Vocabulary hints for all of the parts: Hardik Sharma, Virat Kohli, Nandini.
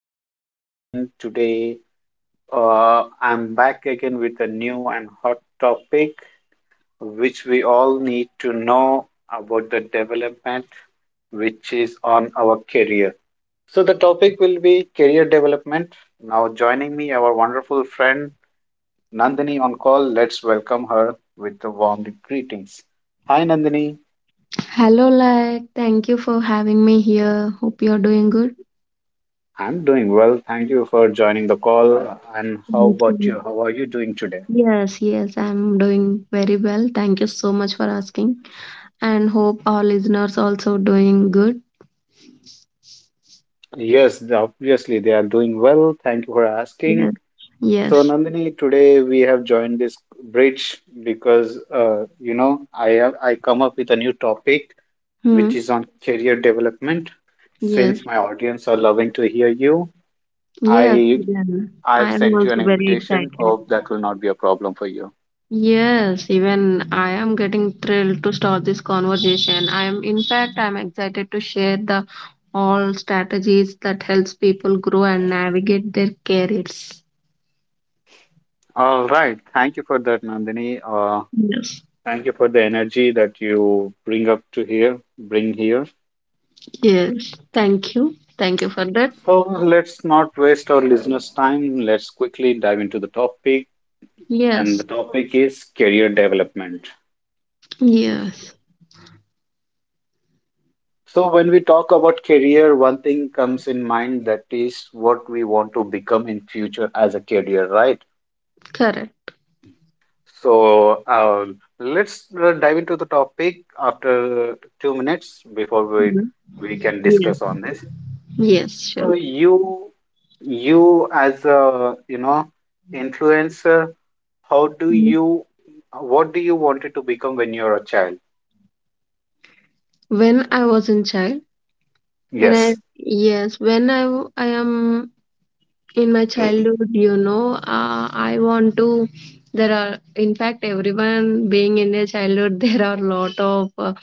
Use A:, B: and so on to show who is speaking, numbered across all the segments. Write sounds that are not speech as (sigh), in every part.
A: podcast again. Today, I'm back again with a new and hot topic which we all need to know about the development which is on our career. So, the topic will be career development. Now, joining me, our wonderful friend Nandini on call. Let's welcome her with the warm greetings. Hi, Nandini.
B: Hello, thank you for having me here. Hope you're doing good.
A: I'm doing well. Thank you for joining the call. And how
B: Thank
A: about
B: you.
A: you? How are you doing today?
B: Yes, I'm doing very well. Thank you so much for asking. And hope our listeners also doing good.
A: Yes, obviously they are doing well. Thank you for asking.
B: Yes,
A: So,
B: yes.
A: Nandini, today we have joined this bridge because I have I come up with a new topic
B: Hmm.
A: which is on career development.
B: Yes,
A: Since my audience are loving to hear you,
B: yes,
A: I
B: Even
A: I've
B: I am
A: sent you an
B: also very
A: invitation.
B: excited.
A: Hope that will not be a problem for you.
B: Yes, even I am getting thrilled to start this conversation. I am, in fact, I'm excited to share the all strategies that helps people grow and navigate their careers.
A: All right. Thank you for that, Nandini.
B: Yes,
A: Thank you for the energy that you bring up to here.
B: yes. Thank you. Thank you for that.
A: So let's not waste our listeners' time. Let's quickly dive into the topic. And the
B: Yes,
A: topic is career development.
B: yes.
A: So, when we talk about career, one thing comes in mind that is what we want to become in future as a career, right?
B: Correct.
A: So, let's dive into the topic after 2 minutes before
B: Mhm.
A: we can
B: Yes,
A: discuss on this.
B: yes,
A: So,
B: sure.
A: you as a influencer. How do
B: Mhm.
A: what do you wanted to become when you are a child?
B: When I was in child, when I,
A: Yes.
B: yes, when I, w- I am in my childhood, I want to, there are, in fact, everyone being in their childhood, (laughs) there are lot of uh,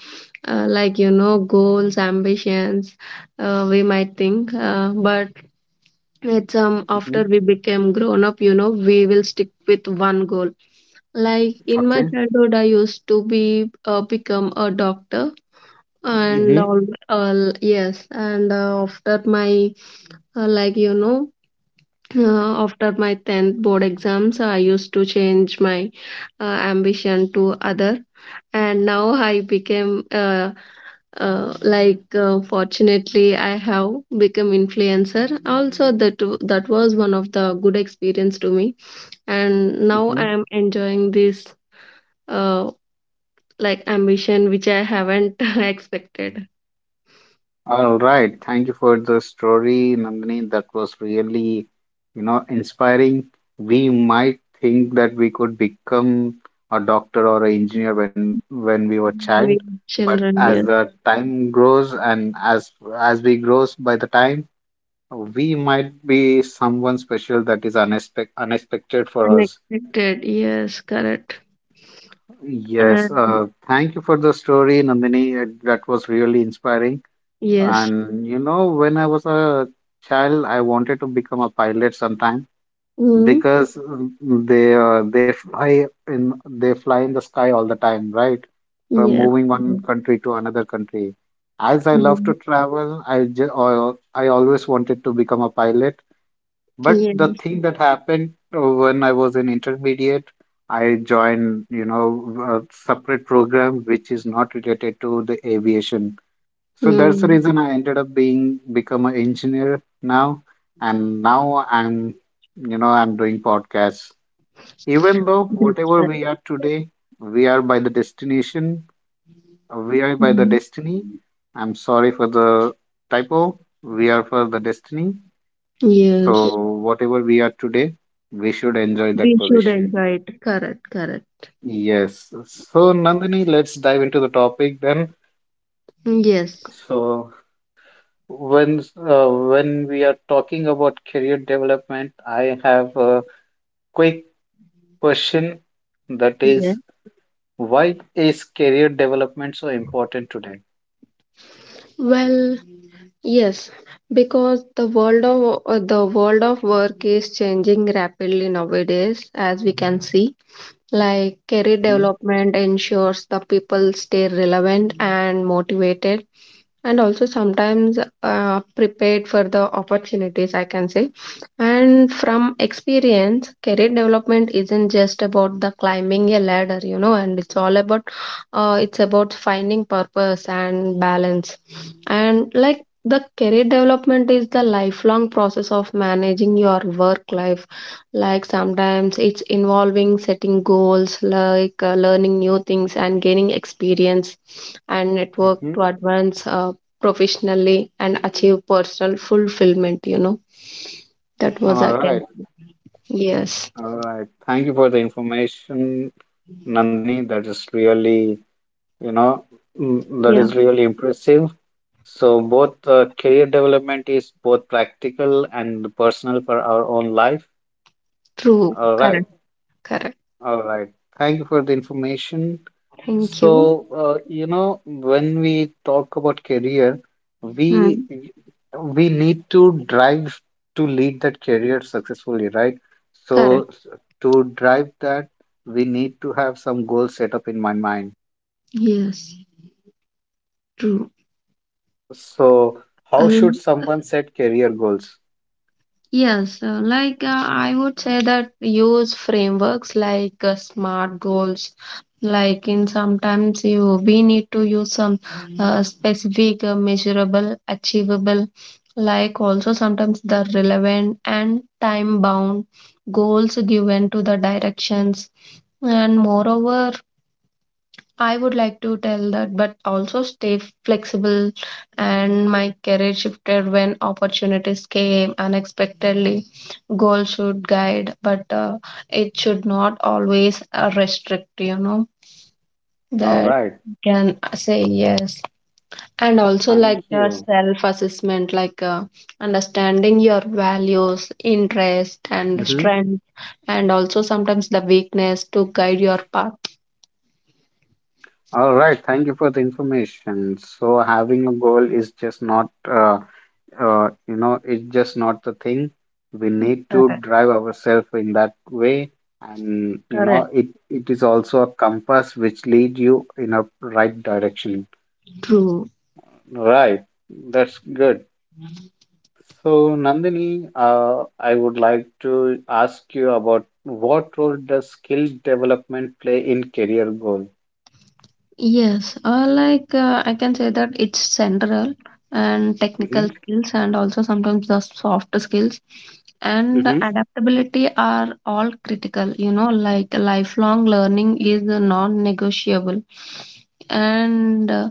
B: uh, like you know goals ambitions we might think but it's after
A: Hmm.
B: we became grown up you know we will stick with one goal. Like in my
A: Okay.
B: childhood I used to be become a doctor and
A: Mm-hmm.
B: all. Yes, and after my uh, like you know after my 10th board exams, I used to change my ambition to other, and now I became fortunately I have become influencer. Also, that was one of the good experience to me, and now
A: Hmm.
B: I am enjoying this uh, like ambition which I haven't (laughs) expected.
A: All right. Thank you for the story, Nandini. That was really, you know, inspiring. We might think that we could become a doctor or an engineer when we were child,
B: With
A: but
B: children,
A: as
B: yes,
A: the time grows and as we grows by the time, we might be someone special that is unexpected for us.
B: unexpected, yes, correct,
A: Yes,
B: and
A: thank you for the story, Nandini. That was really inspiring.
B: yes.
A: And you know, when I was a child, I wanted to become a pilot sometime
B: Mm-hmm.
A: because they they fly in the sky all the time, right? From
B: Yes,
A: moving
B: yes,
A: one country to another country. As I love
B: mhm,
A: to travel, I always wanted to become a pilot. But the
B: yes,
A: thing that happened when I was in intermediate, I joined, you know, a separate program which is not related to the aviation. So that's the
B: mm,
A: reason I ended up being become an engineer now, and now I'm, you know, I'm doing podcasts. Even though
B: that's
A: whatever
B: right.
A: we are today, we are by the destination, we are by the
B: Mhm.
A: destiny. I'm sorry for the typo. We are for the destiny, so,
B: Yes,
A: whatever we are today, we should enjoy that
B: we should
A: position.
B: enjoy it. Correct, correct.
A: Yes. So, Nandini, let's dive into the topic then.
B: Yes,
A: So, when when we are talking about career development, I have a quick question that
B: yes.
A: is, why is career development so important today?
B: Well, yes, because the world of work is changing rapidly nowadays, as we can see. Like career
A: Mm-hmm.
B: development ensures the people stay relevant and motivated. And also sometimes prepared for the opportunities, I can say. And from experience, career development isn't just about the climbing a ladder, you know, and it's all about it's about finding purpose and balance. And like the career development is the lifelong process of managing your work life. Like sometimes it's involving setting goals, like learning new things and gaining experience and network
A: Mm-hmm.
B: to advance professionally and achieve personal fulfillment you know that was
A: All
B: again
A: right.
B: yes
A: All right. Thank you for the information, Nandini. That is really, you know, that
B: yeah
A: is really impressive. So both career development is both practical and personal for our own life.
B: true
A: All right,
B: correct correct
A: all right. Thank you for the information.
B: thank
A: So
B: you.
A: you know when we talk about career, we
B: Hmm.
A: we need to drive to lead that career successfully, right? So
B: Correct,
A: s- to drive that, we need to have some goals set up in my mind.
B: yes, true.
A: So how should
B: I'll.
A: someone set career goals?
B: Yes, I would say that use frameworks like SMART goals. Like in sometimes you we need to use some specific, measurable, achievable. Like also sometimes the relevant and time bound goals given to the directions. And moreover, I would like to tell that, but also stay flexible. And my career shifted when opportunities came unexpectedly. Goals should guide, but it should not always restrict, you know,
A: All
B: that
A: right.
B: you can say yes. And also, like
A: Thank
B: the
A: you.
B: self assessment, like understanding your values, interest, and
A: Mhm.
B: strength, and also sometimes the weakness to guide your path.
A: All right, thank you for the information. So having a goal is just not, you know, it's just not the thing. We need to
B: Correct.
A: drive ourselves in that way, and you know,
B: Correct.
A: it is also a compass which lead you in a right direction.
B: True.
A: Right, that's good. So Nandini, I would like to ask you about what role does skill development play in career goal?
B: Yes, I can say that it's central and technical
A: Mm-hmm,
B: skills and also sometimes the soft skills and
A: mm-hmm,
B: adaptability are all critical. You know, like lifelong learning is non-negotiable, and uh,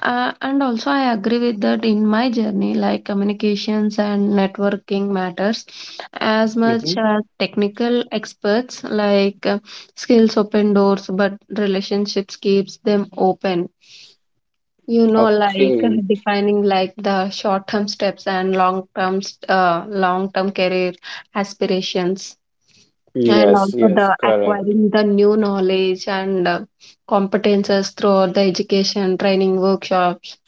B: and also, I agree with that in my journey, like communications and networking matters as much
A: mm-hmm.
B: as technical experts, like skills open doors, but relationships keeps them open. You know, like
A: Okay.
B: defining like the short term steps and long term career aspirations and
A: Yes,
B: also
A: yes,
B: the
A: correct.
B: acquiring the new knowledge and competences throughout the education training workshops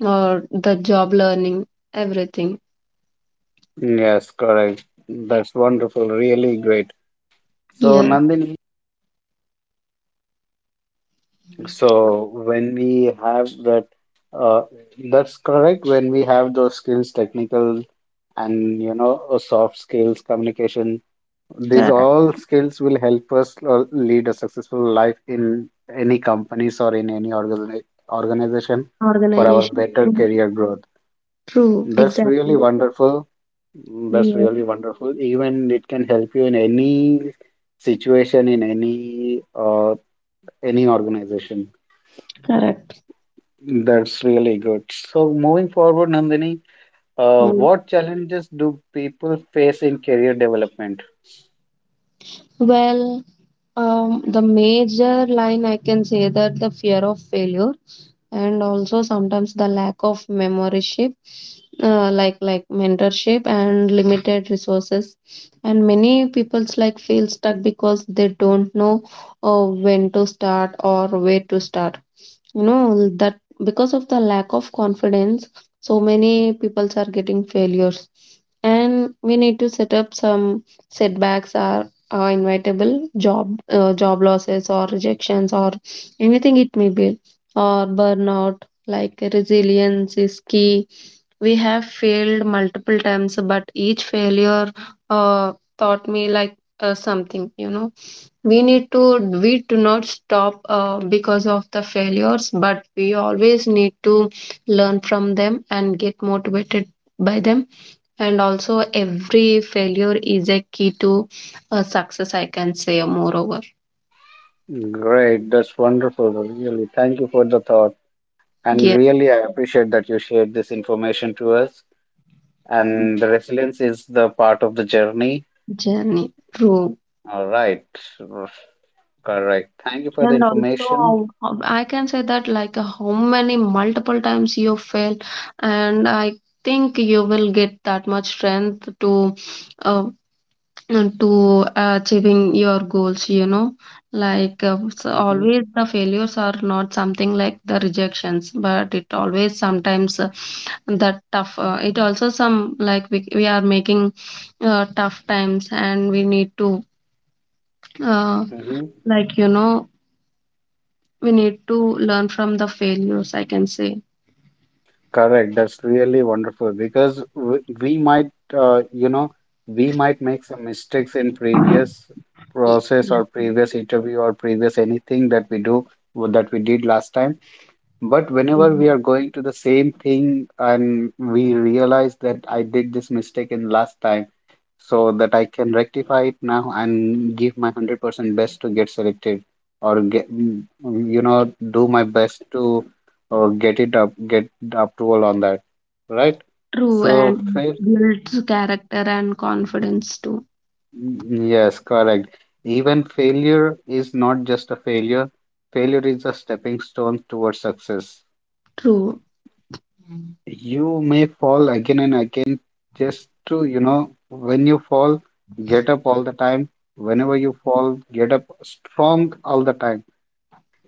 B: or the job learning everything.
A: Yes, correct. That's wonderful. Really great. So,
B: Yes,
A: Nandini, so when we have that, uh, that's correct. When we have those skills, technical and you know, soft skills, communication, these
B: correct.
A: all skills will help us lead a successful life in any companies or in any organization for our
B: Organization.
A: better
B: True.
A: career growth.
B: True.
A: That's really
B: Exactly.
A: wonderful. That's really
B: Yes,
A: wonderful. Even it can help you in any situation, in any organization.
B: correct.
A: That's really good. So moving forward, Nandini,
B: Mm.
A: what challenges do people face in career development?
B: Well, the major line I can say that the fear of failure and also sometimes the lack of membership, like mentorship and limited resources, and many people's like feel stuck because they don't know when to start or where to start, you know that because of the lack of confidence. So many peoples are getting failures, and we need to set up some setbacks. Are inevitable job job losses or rejections or anything it may be, or burnout. Like resilience is key. We have failed multiple times, but each failure uh, taught me like something, you know. We need to, we do not stop because of the failures, but we always need to learn from them and get motivated by them. And also every failure is a key to success, I can say, moreover.
A: Great, that's wonderful. Really, thank you for the thought. And
B: Yeah,
A: really, I appreciate that you shared this information to us. And the resilience is the part of the journey.
B: journey, true.
A: All right, correct. Thank you for the
B: And
A: information.
B: also, how, I can say that like how many multiple times you fail, and I think you will get that much strength to, uh, and to achieving your goals. You know, like so
A: Mm-hmm.
B: always the failures are not something like the rejections, but it always sometimes that tough. It also some like we are making tough times, and we need to uh,
A: Mm-hmm.
B: like you know we need to learn from the failures, I can say.
A: Correct. That's really wonderful because we might, you know, we might make some mistakes in previous
B: Y-
A: process or
B: yes.
A: previous interview or previous anything that we do that we did last time. But whenever we
B: Yeah.
A: are going to the same thing and we realize that I did this mistake in last time so that I can rectify it now and give my 100% best to get selected or get, you know, do my best to get it get the approval on that, right?
B: True,
A: So,
B: and
A: fail,
B: builds character and confidence too.
A: yes, correct. Even failure is not just a failure, failure is a stepping stone towards success.
B: True,
A: You may fall again and again just to, you know, when you fall, get up all the time. Whenever you fall, get up strong all the time.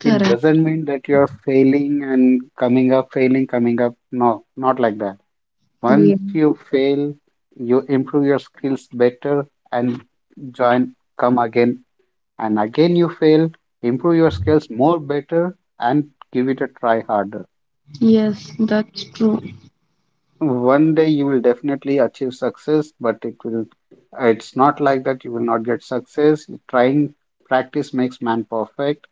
A: It doesn't mean that you're failing and coming up, failing, coming up. No, not like that.
B: Yeah.
A: Once you fail, you improve your skills better and join, come again. And again you fail, improve your skills more better and give it a try harder.
B: Yes, that's true.
A: One day you will definitely achieve success, but it's not like that you will not get success. Trying practice makes man perfect.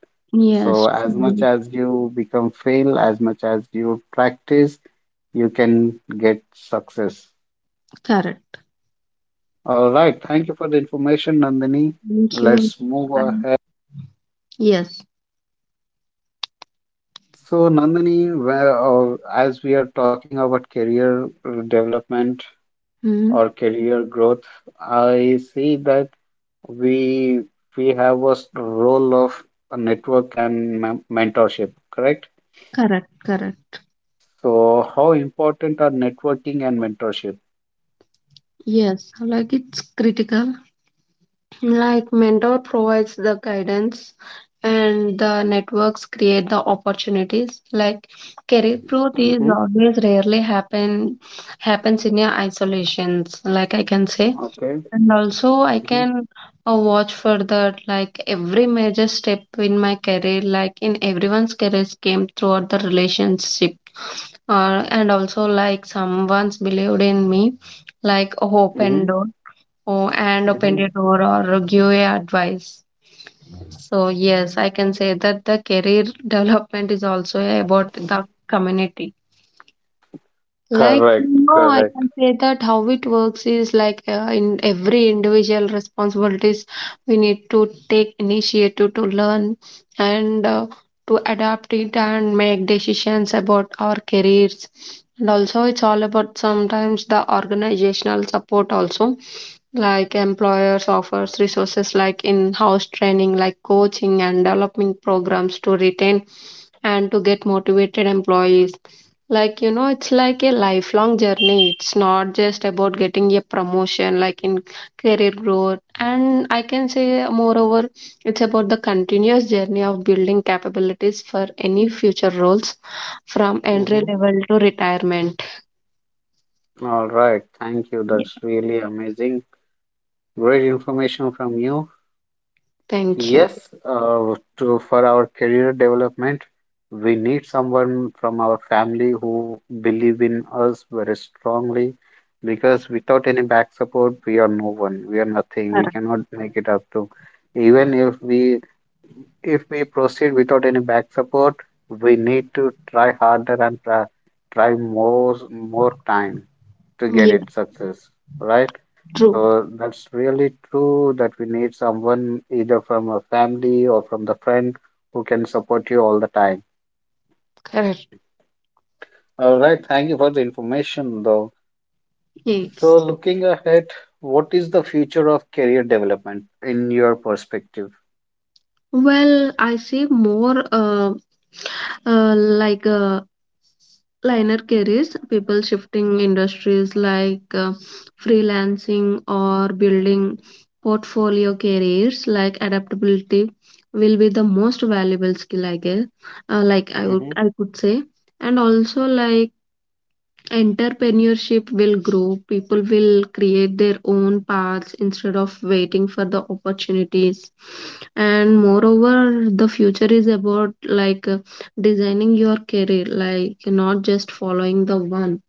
A: So
B: Yes,
A: as much
B: true.
A: as you become fail, as much as you practice, you can get success.
B: Correct.
A: All right. Thank you for the information, Nandini.
B: Thank you.
A: Let's move
B: Fine.
A: ahead.
B: Yes,
A: So, Nandini, well, as we are talking about career development
B: hmm,
A: or career growth, I see that we we have role of a network and mentorship, correct?
B: correct, correct.
A: So how important are networking and mentorship?
B: Yes, like it's critical. Like mentor provides the guidance and the networks create the opportunities. Like career growth is
A: Mm-hmm.
B: always rarely happens in your isolations, like I can say.
A: Okay.
B: And also I
A: Mm-hmm.
B: can watch for that like every major step in my career, like in everyone's career came throughout the relationship. And also like someone's believed in me, like hope
A: Mm-hmm.
B: and door oh, and open
A: Mm-hmm.
B: your door or give a advice. So yes, I can say that the career (laughs) development is also about the community. Like,
A: Correct,
B: no, I
A: correct.
B: can say that how it works is like in every individual responsibilities, we need to take initiative to learn and to adapt it and make decisions about our careers. And also, it's all about sometimes the organizational support also. Like employers offers resources like in-house training, like coaching and development programs to retain and to get motivated employees. Like, you know, it's like a lifelong journey. It's not just about getting a promotion, like in career growth. And I can say, moreover, it's about the continuous journey of building capabilities for any future roles from entry
A: Mm-hmm.
B: level to retirement.
A: All right, thank you,
B: Yeah,
A: that's really amazing, great information from you.
B: thank you.
A: Yes, for our career development, we need someone from our family who believe in us very strongly because without any back support, we are no one, we are nothing, we
B: Correct.
A: cannot make it up to. Even if we proceed without any back support, we need to try harder and try more time to get
B: Yeah,
A: it success, right?
B: true.
A: So that's really true that we need someone either from a family or from the friend who can support you all the time.
B: Correct.
A: All right, thank you for the information though.
B: Yes.
A: So looking ahead, what is the future of career development in your perspective?
B: Well, I see more uh, like uh, Liner careers, people shifting industries like freelancing or building portfolio careers. Like adaptability will be the most valuable skill, I guess,
A: Mm-hmm.
B: I could say. And also like entrepreneurship will grow, people will create their own paths instead of waiting for the opportunities. And moreover the future is about like designing your career, like not just following the one.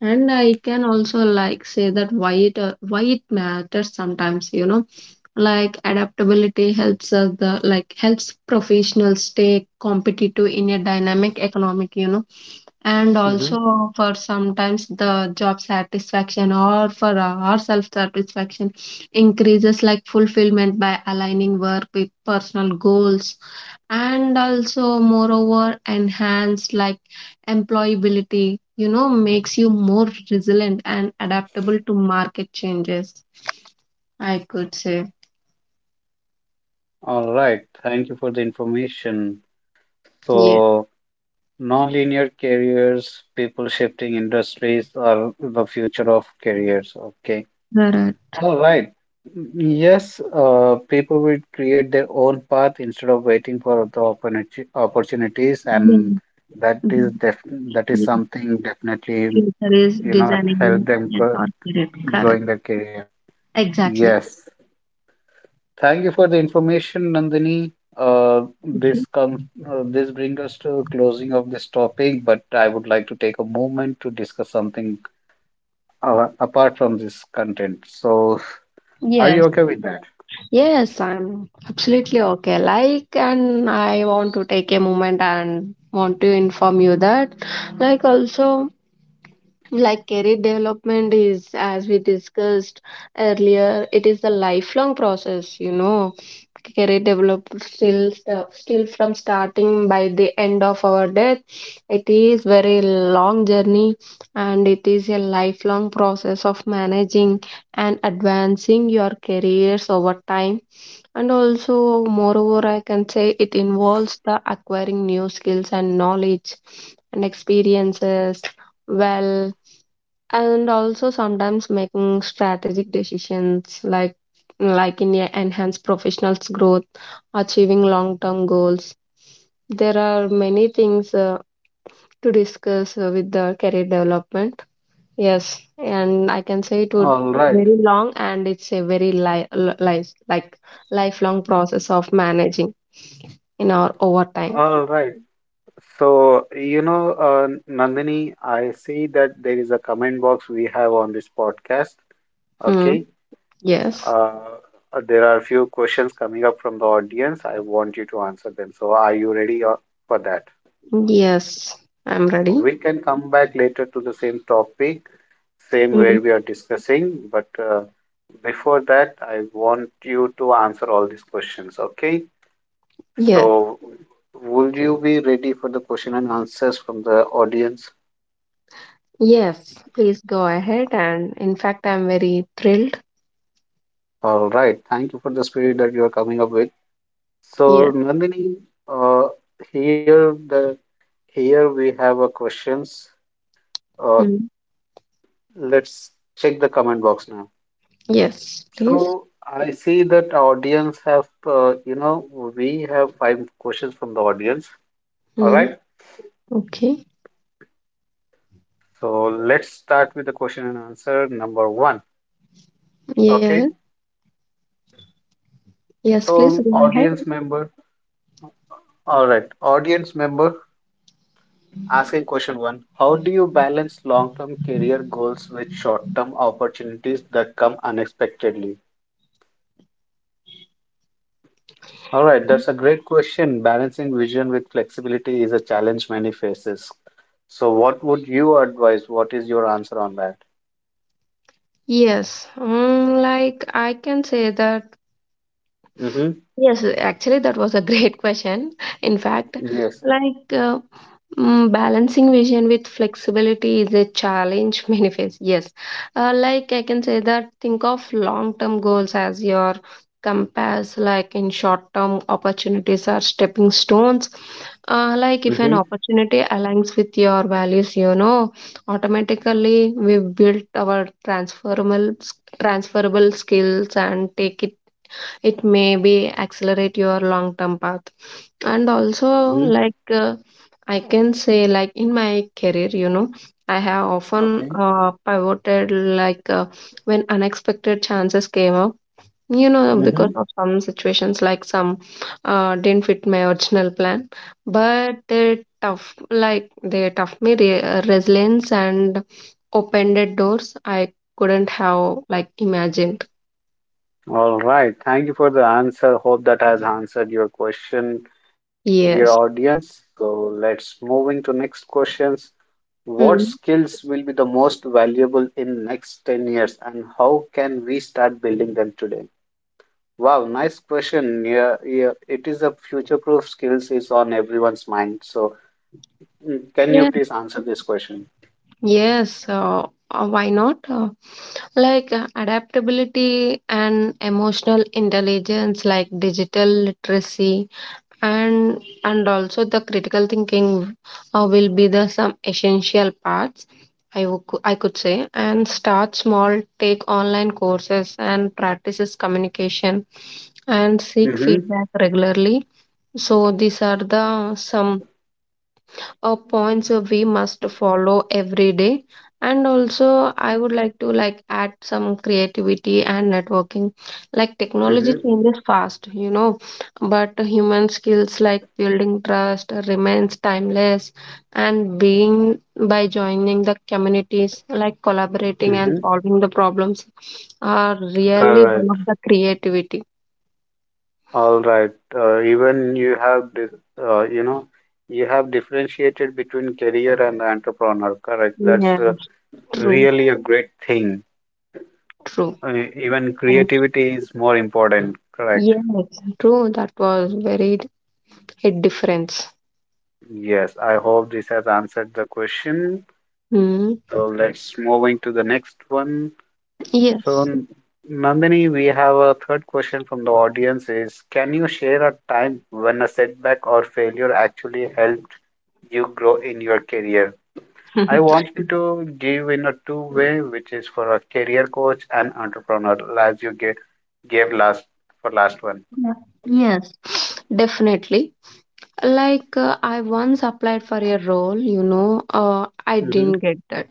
B: And I can also like say that why it matters sometimes, you know. Like adaptability helps us the like helps professionals stay competitive in a dynamic economic, you know. And
A: Mm-hmm.
B: also for sometimes the job satisfaction or for our self satisfaction increases like fulfillment by aligning work with personal goals. And also moreover enhanced like employability, you know, makes you more resilient and adaptable to market changes, I could say.
A: All right, thank you for the information.
B: Yeah,
A: So non-linear careers, people shifting industries are the future of careers. Okay.
B: there are,
A: All right. Yes, people will create their own path instead of waiting for the opportunity opportunities,
B: yeah,
A: and
B: the-
A: that is
B: the
A: something definitely,
B: future is
A: you know, help
B: designing
A: them
B: yes or correct correct
A: growing their career.
B: exactly.
A: Yes. Thank you for the information, Nandini.
B: Okay.
A: This brings us to closing of this topic, but I would like to take a moment to discuss something apart from this content. So, are you
B: Yes.
A: okay with that?
B: Yes, I'm absolutely okay. Like, and I want to take a moment and want to inform you that, like, also like career development is, as we discussed earlier, it is the lifelong process, you know. Career develop still from starting by the end of our death, it is very long journey. And it is a lifelong process of managing and advancing your careers over time. And also moreover I can say it involves the acquiring new skills and knowledge and experiences. Well, and also sometimes making strategic decisions like in enhance professionals growth, achieving long term goals. There are many things to discuss with the career development, yes. And I can say it would
A: All right.
B: very long and it's a very life like lifelong process of managing in our overtime.
A: All right. So, you know, Nandini, I see that there is a comment box we have on this podcast.
B: Hmm.
A: Okay.
B: Yes,
A: Uh, there are a few questions coming up from the audience. I want you to answer them. So, are you ready for that?
B: yes, I'm ready.
A: We can come back later to the same topic, same
B: Mhm.
A: where we are discussing. But before that, I want you to answer all these questions. Okay.
B: Yes.
A: So, would you be ready for the question and answers from the audience?
B: Yes, please go ahead. And in fact, I'm very thrilled.
A: All right. Thank you for the spirit that you are coming up with. So,
B: Yes.
A: Nandini, uh, here the here we have a questions. Uh,
B: Mm.
A: let's check the comment box now.
B: Yes, please.
A: So I see that audience have you know we have 5 questions from the audience. All
B: Mm.
A: right.
B: Okay.
A: So let's start with the question and answer number 1.
B: Yeah.
A: Okay.
B: Yes, please
A: So
B: go ahead.
A: audience member. All right. Audience member. Asking question 1, how do you balance long-term career goals with short-term opportunities that come unexpectedly? All right, that's a great question. Balancing vision with flexibility is a challenge many faces. So, what would you advise? What is your answer on that?
B: Yes. Mm, like I can say that
A: Mm-hmm.
B: yes, actually, that was a great (laughs) question. In fact,
A: Yes.
B: like mm, balancing vision with flexibility is a challenge (laughs) many face. Yes, like I can say that think of long term goals as your compass, like in short term opportunities are stepping stones. Like if an
A: Mm-hmm.
B: opportunity aligns with your values, automatically we build our transferable skills and take it it may be accelerate your long term path and also
A: Mm-hmm.
B: like uh, I can say like in my career, I have often
A: Okay.
B: pivoted like uh, when unexpected chances came up, you know, because
A: Mm-hmm.
B: of some situations, like some didn't fit my original plan, but they tough, like they tough me resilience and opened doors I couldn't have like imagined.
A: All right. Thank you for the answer. Hope that has answered your question, dear
B: Yes.
A: audience. So let's moving to next questions. What
B: Hmm.
A: skills will be the most valuable in next 10 years and how can we start building them today? Wow, nice question. Yeah, yeah, it is a future-proof skills is on everyone's mind. So, can you please answer this question?
B: Yes, why not? Like adaptability and emotional intelligence, like digital literacy, and also the critical thinking will be the some essential parts. I could say, and start small, take online courses and practices communication, and seek
A: Mm-hmm,
B: feedback regularly. So these are the some points we must follow every day, and also I would like to like add some creativity and networking. Like technology
A: mm-hmm,
B: changes fast, you know, but human skills like building trust remains timeless. And being by joining the communities, like collaborating and
A: mm-hmm.
B: solving the problems, are
A: All
B: really one
A: right,
B: of the creativity.
A: all right. Even you have, uh, you know, you have differentiated between career and entrepreneur. Correct. That's
B: Yes, true.
A: really a great thing.
B: True.
A: Uh, even
B: Thank you.
A: creativity is more important. Correct.
B: Yes, true. That was very, it difference.
A: Yes, I hope this has answered the question.
B: Mm,
A: So let's moving to the next one. So
B: yes.
A: Nandini, we have a third question from the audience is can you share a time when a setback or failure actually helped you grow in your career? I
B: (laughs)
A: want you to give in a two-way, which is for a career coach and entrepreneur, as you gave last for last one.
B: Yeah. Yes. Definitely. Like I once applied for a role, you know, I
A: Hmm.
B: didn't get that.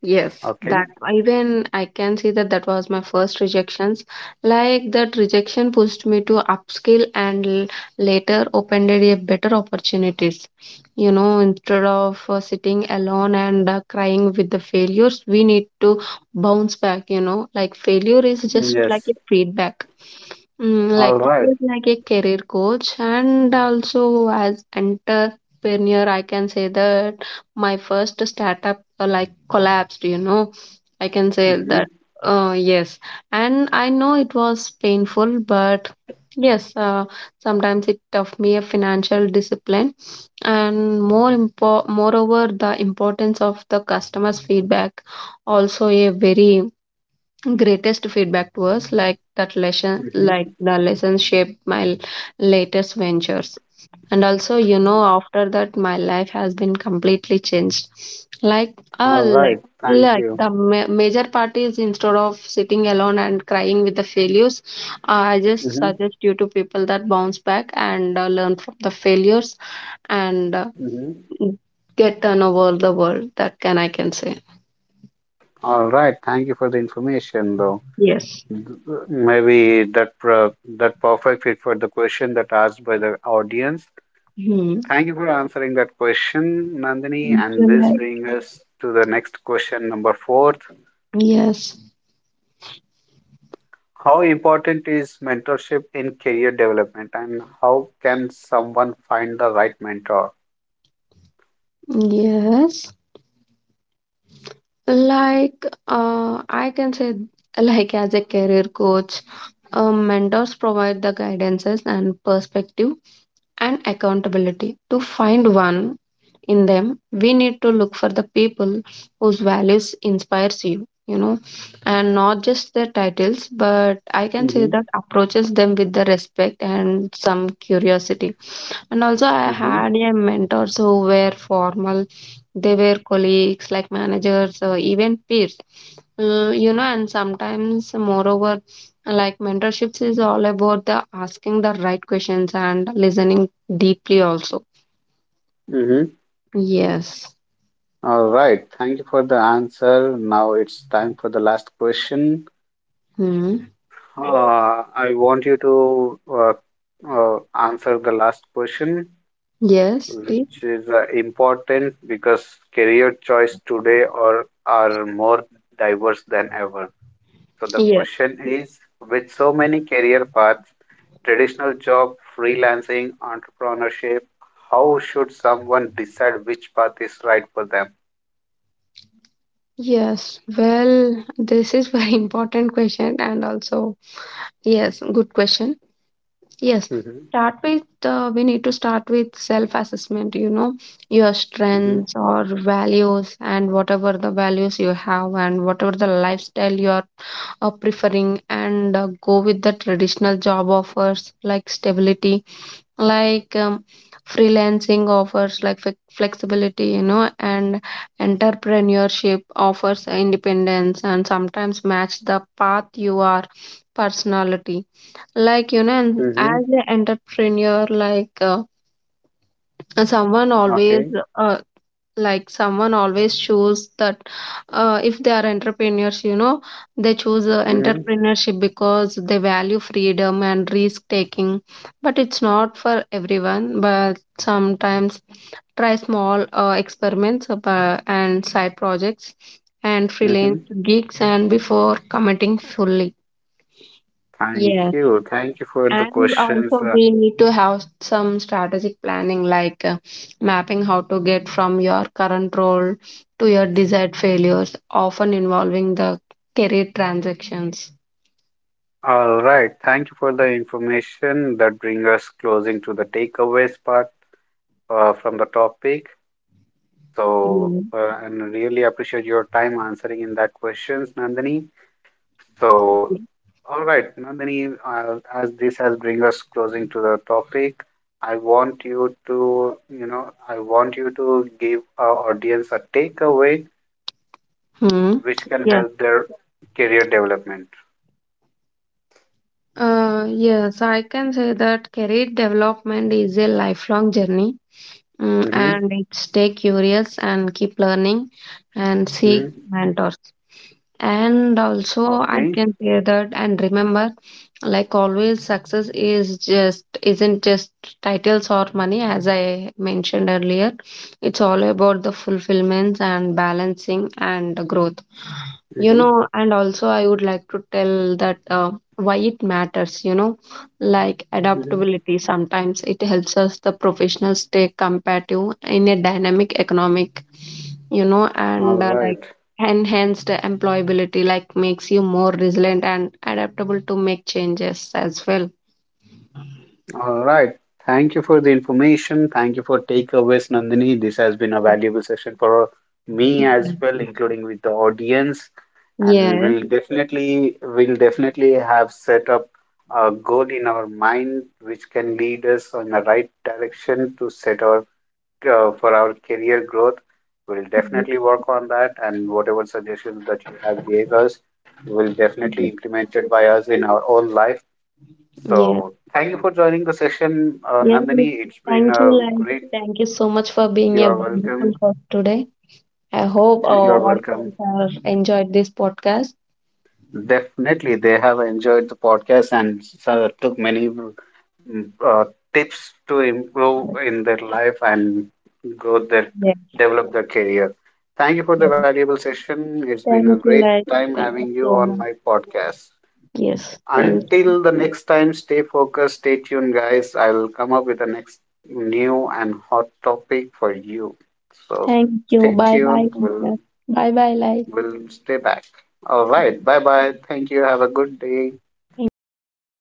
B: Yes,
A: Okay.
B: that even I can see that that was my first rejections. Like that rejection pushed me to upskill and later opened a better opportunities. You know, instead of sitting alone and crying with the failures, we need to bounce back. You know, like failure is just like
A: Yes.
B: a feedback. Mm,
A: All
B: like it
A: right.
B: is like a career coach, and also as entrepreneur, I can say that my first startup like collapsed, you know. I can say
A: Mm-hmm.
B: that, yes, and I know it was painful, but yes, sometimes it taught me a financial discipline and moreover the importance of the customers feedback. Also a very greatest feedback to us, like that lesson like
A: Mm-hmm.
B: the lesson shaped my latest ventures. And also, you know, after that my life has been completely changed. Like uh
A: All right.
B: like
A: Thank
B: like
A: you.
B: the major part is, instead of sitting alone and crying with the failures, I just
A: Mm-hmm.
B: suggest you to people that bounce back and learn from the failures and
A: Hmm.
B: get turn over the world, that can I can say.
A: All right. Thank you for the information, though.
B: Yes.
A: Maybe that uh, that perfect fit for the question that asked by the audience.
B: Hmm.
A: Thank you for answering that question, Nandini.
B: Thank you,
A: And this
B: like
A: brings us to the next question, number four.
B: yes.
A: How important is mentorship in career development, and how can someone find the right mentor?
B: Yes, like I can say, like as a career coach, mentors provide the guidances and perspective and accountability. To find one in them, we need to look for the people whose values inspires you, you know, and not just their titles, but I can say
A: Hmm.
B: that approaches them with the respect and some curiosity. And also, I
A: Hmm.
B: had a mentors who were formal. They were colleagues, like managers, or even peers. You know, and sometimes, moreover, like mentorships is all about the asking the right questions and listening deeply. Also,
A: Hmm.
B: yes.
A: All right. Thank you for the answer. Now it's time for the last question.
B: Hmm.
A: I want you to answer the last question,
B: Yes, please.
A: which is important because career choice today are more diverse than ever. So the
B: Yes,
A: question is, with so many career paths, traditional job, freelancing, entrepreneurship, how should someone decide which path is right for them?
B: yes. Well, this is very (laughs) important question, and also, yes, good question. Yes,
A: Mm-hmm.
B: start with, we need to start with self assessment, you know, your
A: Mm-hmm.
B: strengths or values, and whatever the values you have, and whatever the lifestyle you are preferring, and go with the traditional job offers like stability, like freelancing offers like flexibility, you know, and entrepreneurship offers independence, and sometimes match the path you are personality, like you know. And
A: Mm-hmm.
B: as an entrepreneur, someone always
A: Okay.
B: uh, like someone always choose that, if they are entrepreneurs, you know, they choose
A: Mm-hmm.
B: entrepreneurship because they value freedom and risk taking. But it's not for everyone, but sometimes try small experiments of, and side projects and freelance
A: Mm-hmm.
B: gigs and before committing fully.
A: Thank
B: Yes.
A: you. Thank you for the
B: And
A: questions,
B: also,
A: uh,
B: we need to have some strategic planning, like mapping how to get from your current role to your desired failures, often involving the career transactions.
A: All right. Thank you for the information that bring us closing to the takeaways part from the topic. So,
B: Yeah.
A: and really appreciate your time answering in that questions, Nandini. So, all right, Nandini, as this has bring us closing to the topic, I want you to, you know, I want you to give our audience a takeaway
B: Hmm.
A: which can
B: Yeah.
A: help their career development.
B: Yes, I can say that career development is a lifelong journey, mm,
A: Mm-hmm.
B: and it stay curious and keep learning and seek
A: Mm-hmm.
B: mentors. And also, I
A: Okay.
B: can say that, and remember, like always, success is just isn't just titles or money, as I mentioned earlier. It's all about the fulfillments and balancing and the growth. You
A: Mm-hmm.
B: know, and also I would like to tell that. Why it matters, you know, like
A: Mm-hmm.
B: adaptability sometimes it helps us the professionals stay competitive in a dynamic economic, you know. And
A: All
B: like
A: right.
B: enhanced employability, like makes you more resilient and adaptable to make changes as well.
A: All right. Thank you for the information. Thank you for takeaways, Nandini. This has been a valuable session for me as well, including with the audience. And
B: Yeah.
A: we'll definitely have set up a goal in our mind which can lead us on the right direction to set our for our career growth. We'll definitely work on that, and whatever suggestions that you have gave us will definitely implemented by us in our own life
B: Yeah.
A: so, thank you for joining the session,
B: Yeah,
A: Nandini. It's been
B: thank you,
A: a
B: like
A: great.
B: thank you so much for being a
A: You're
B: wonderful
A: welcome.
B: host today. I hope our
A: You're welcome.
B: audiences have enjoyed this podcast.
A: Definitely, they have enjoyed the podcast and took many uh, tips to improve in their life and grow their
B: Yeah.
A: develop their career. Thank you for the
B: Yeah.
A: valuable session. It's been
B: Thank
A: a
B: you,
A: great
B: like
A: time
B: thank
A: having
B: you
A: you
B: so
A: on
B: much.
A: my podcast.
B: Yes,
A: Until the next time, stay focused, stay tuned, guys. I'll come up with the next new and hot topic for you. So
B: thank you.
A: stay
B: Bye bye.
A: tuned. We'll
B: Bye bye, like
A: we'll stay back. All right. Bye bye. Thank you. Have a good day.
B: thank you.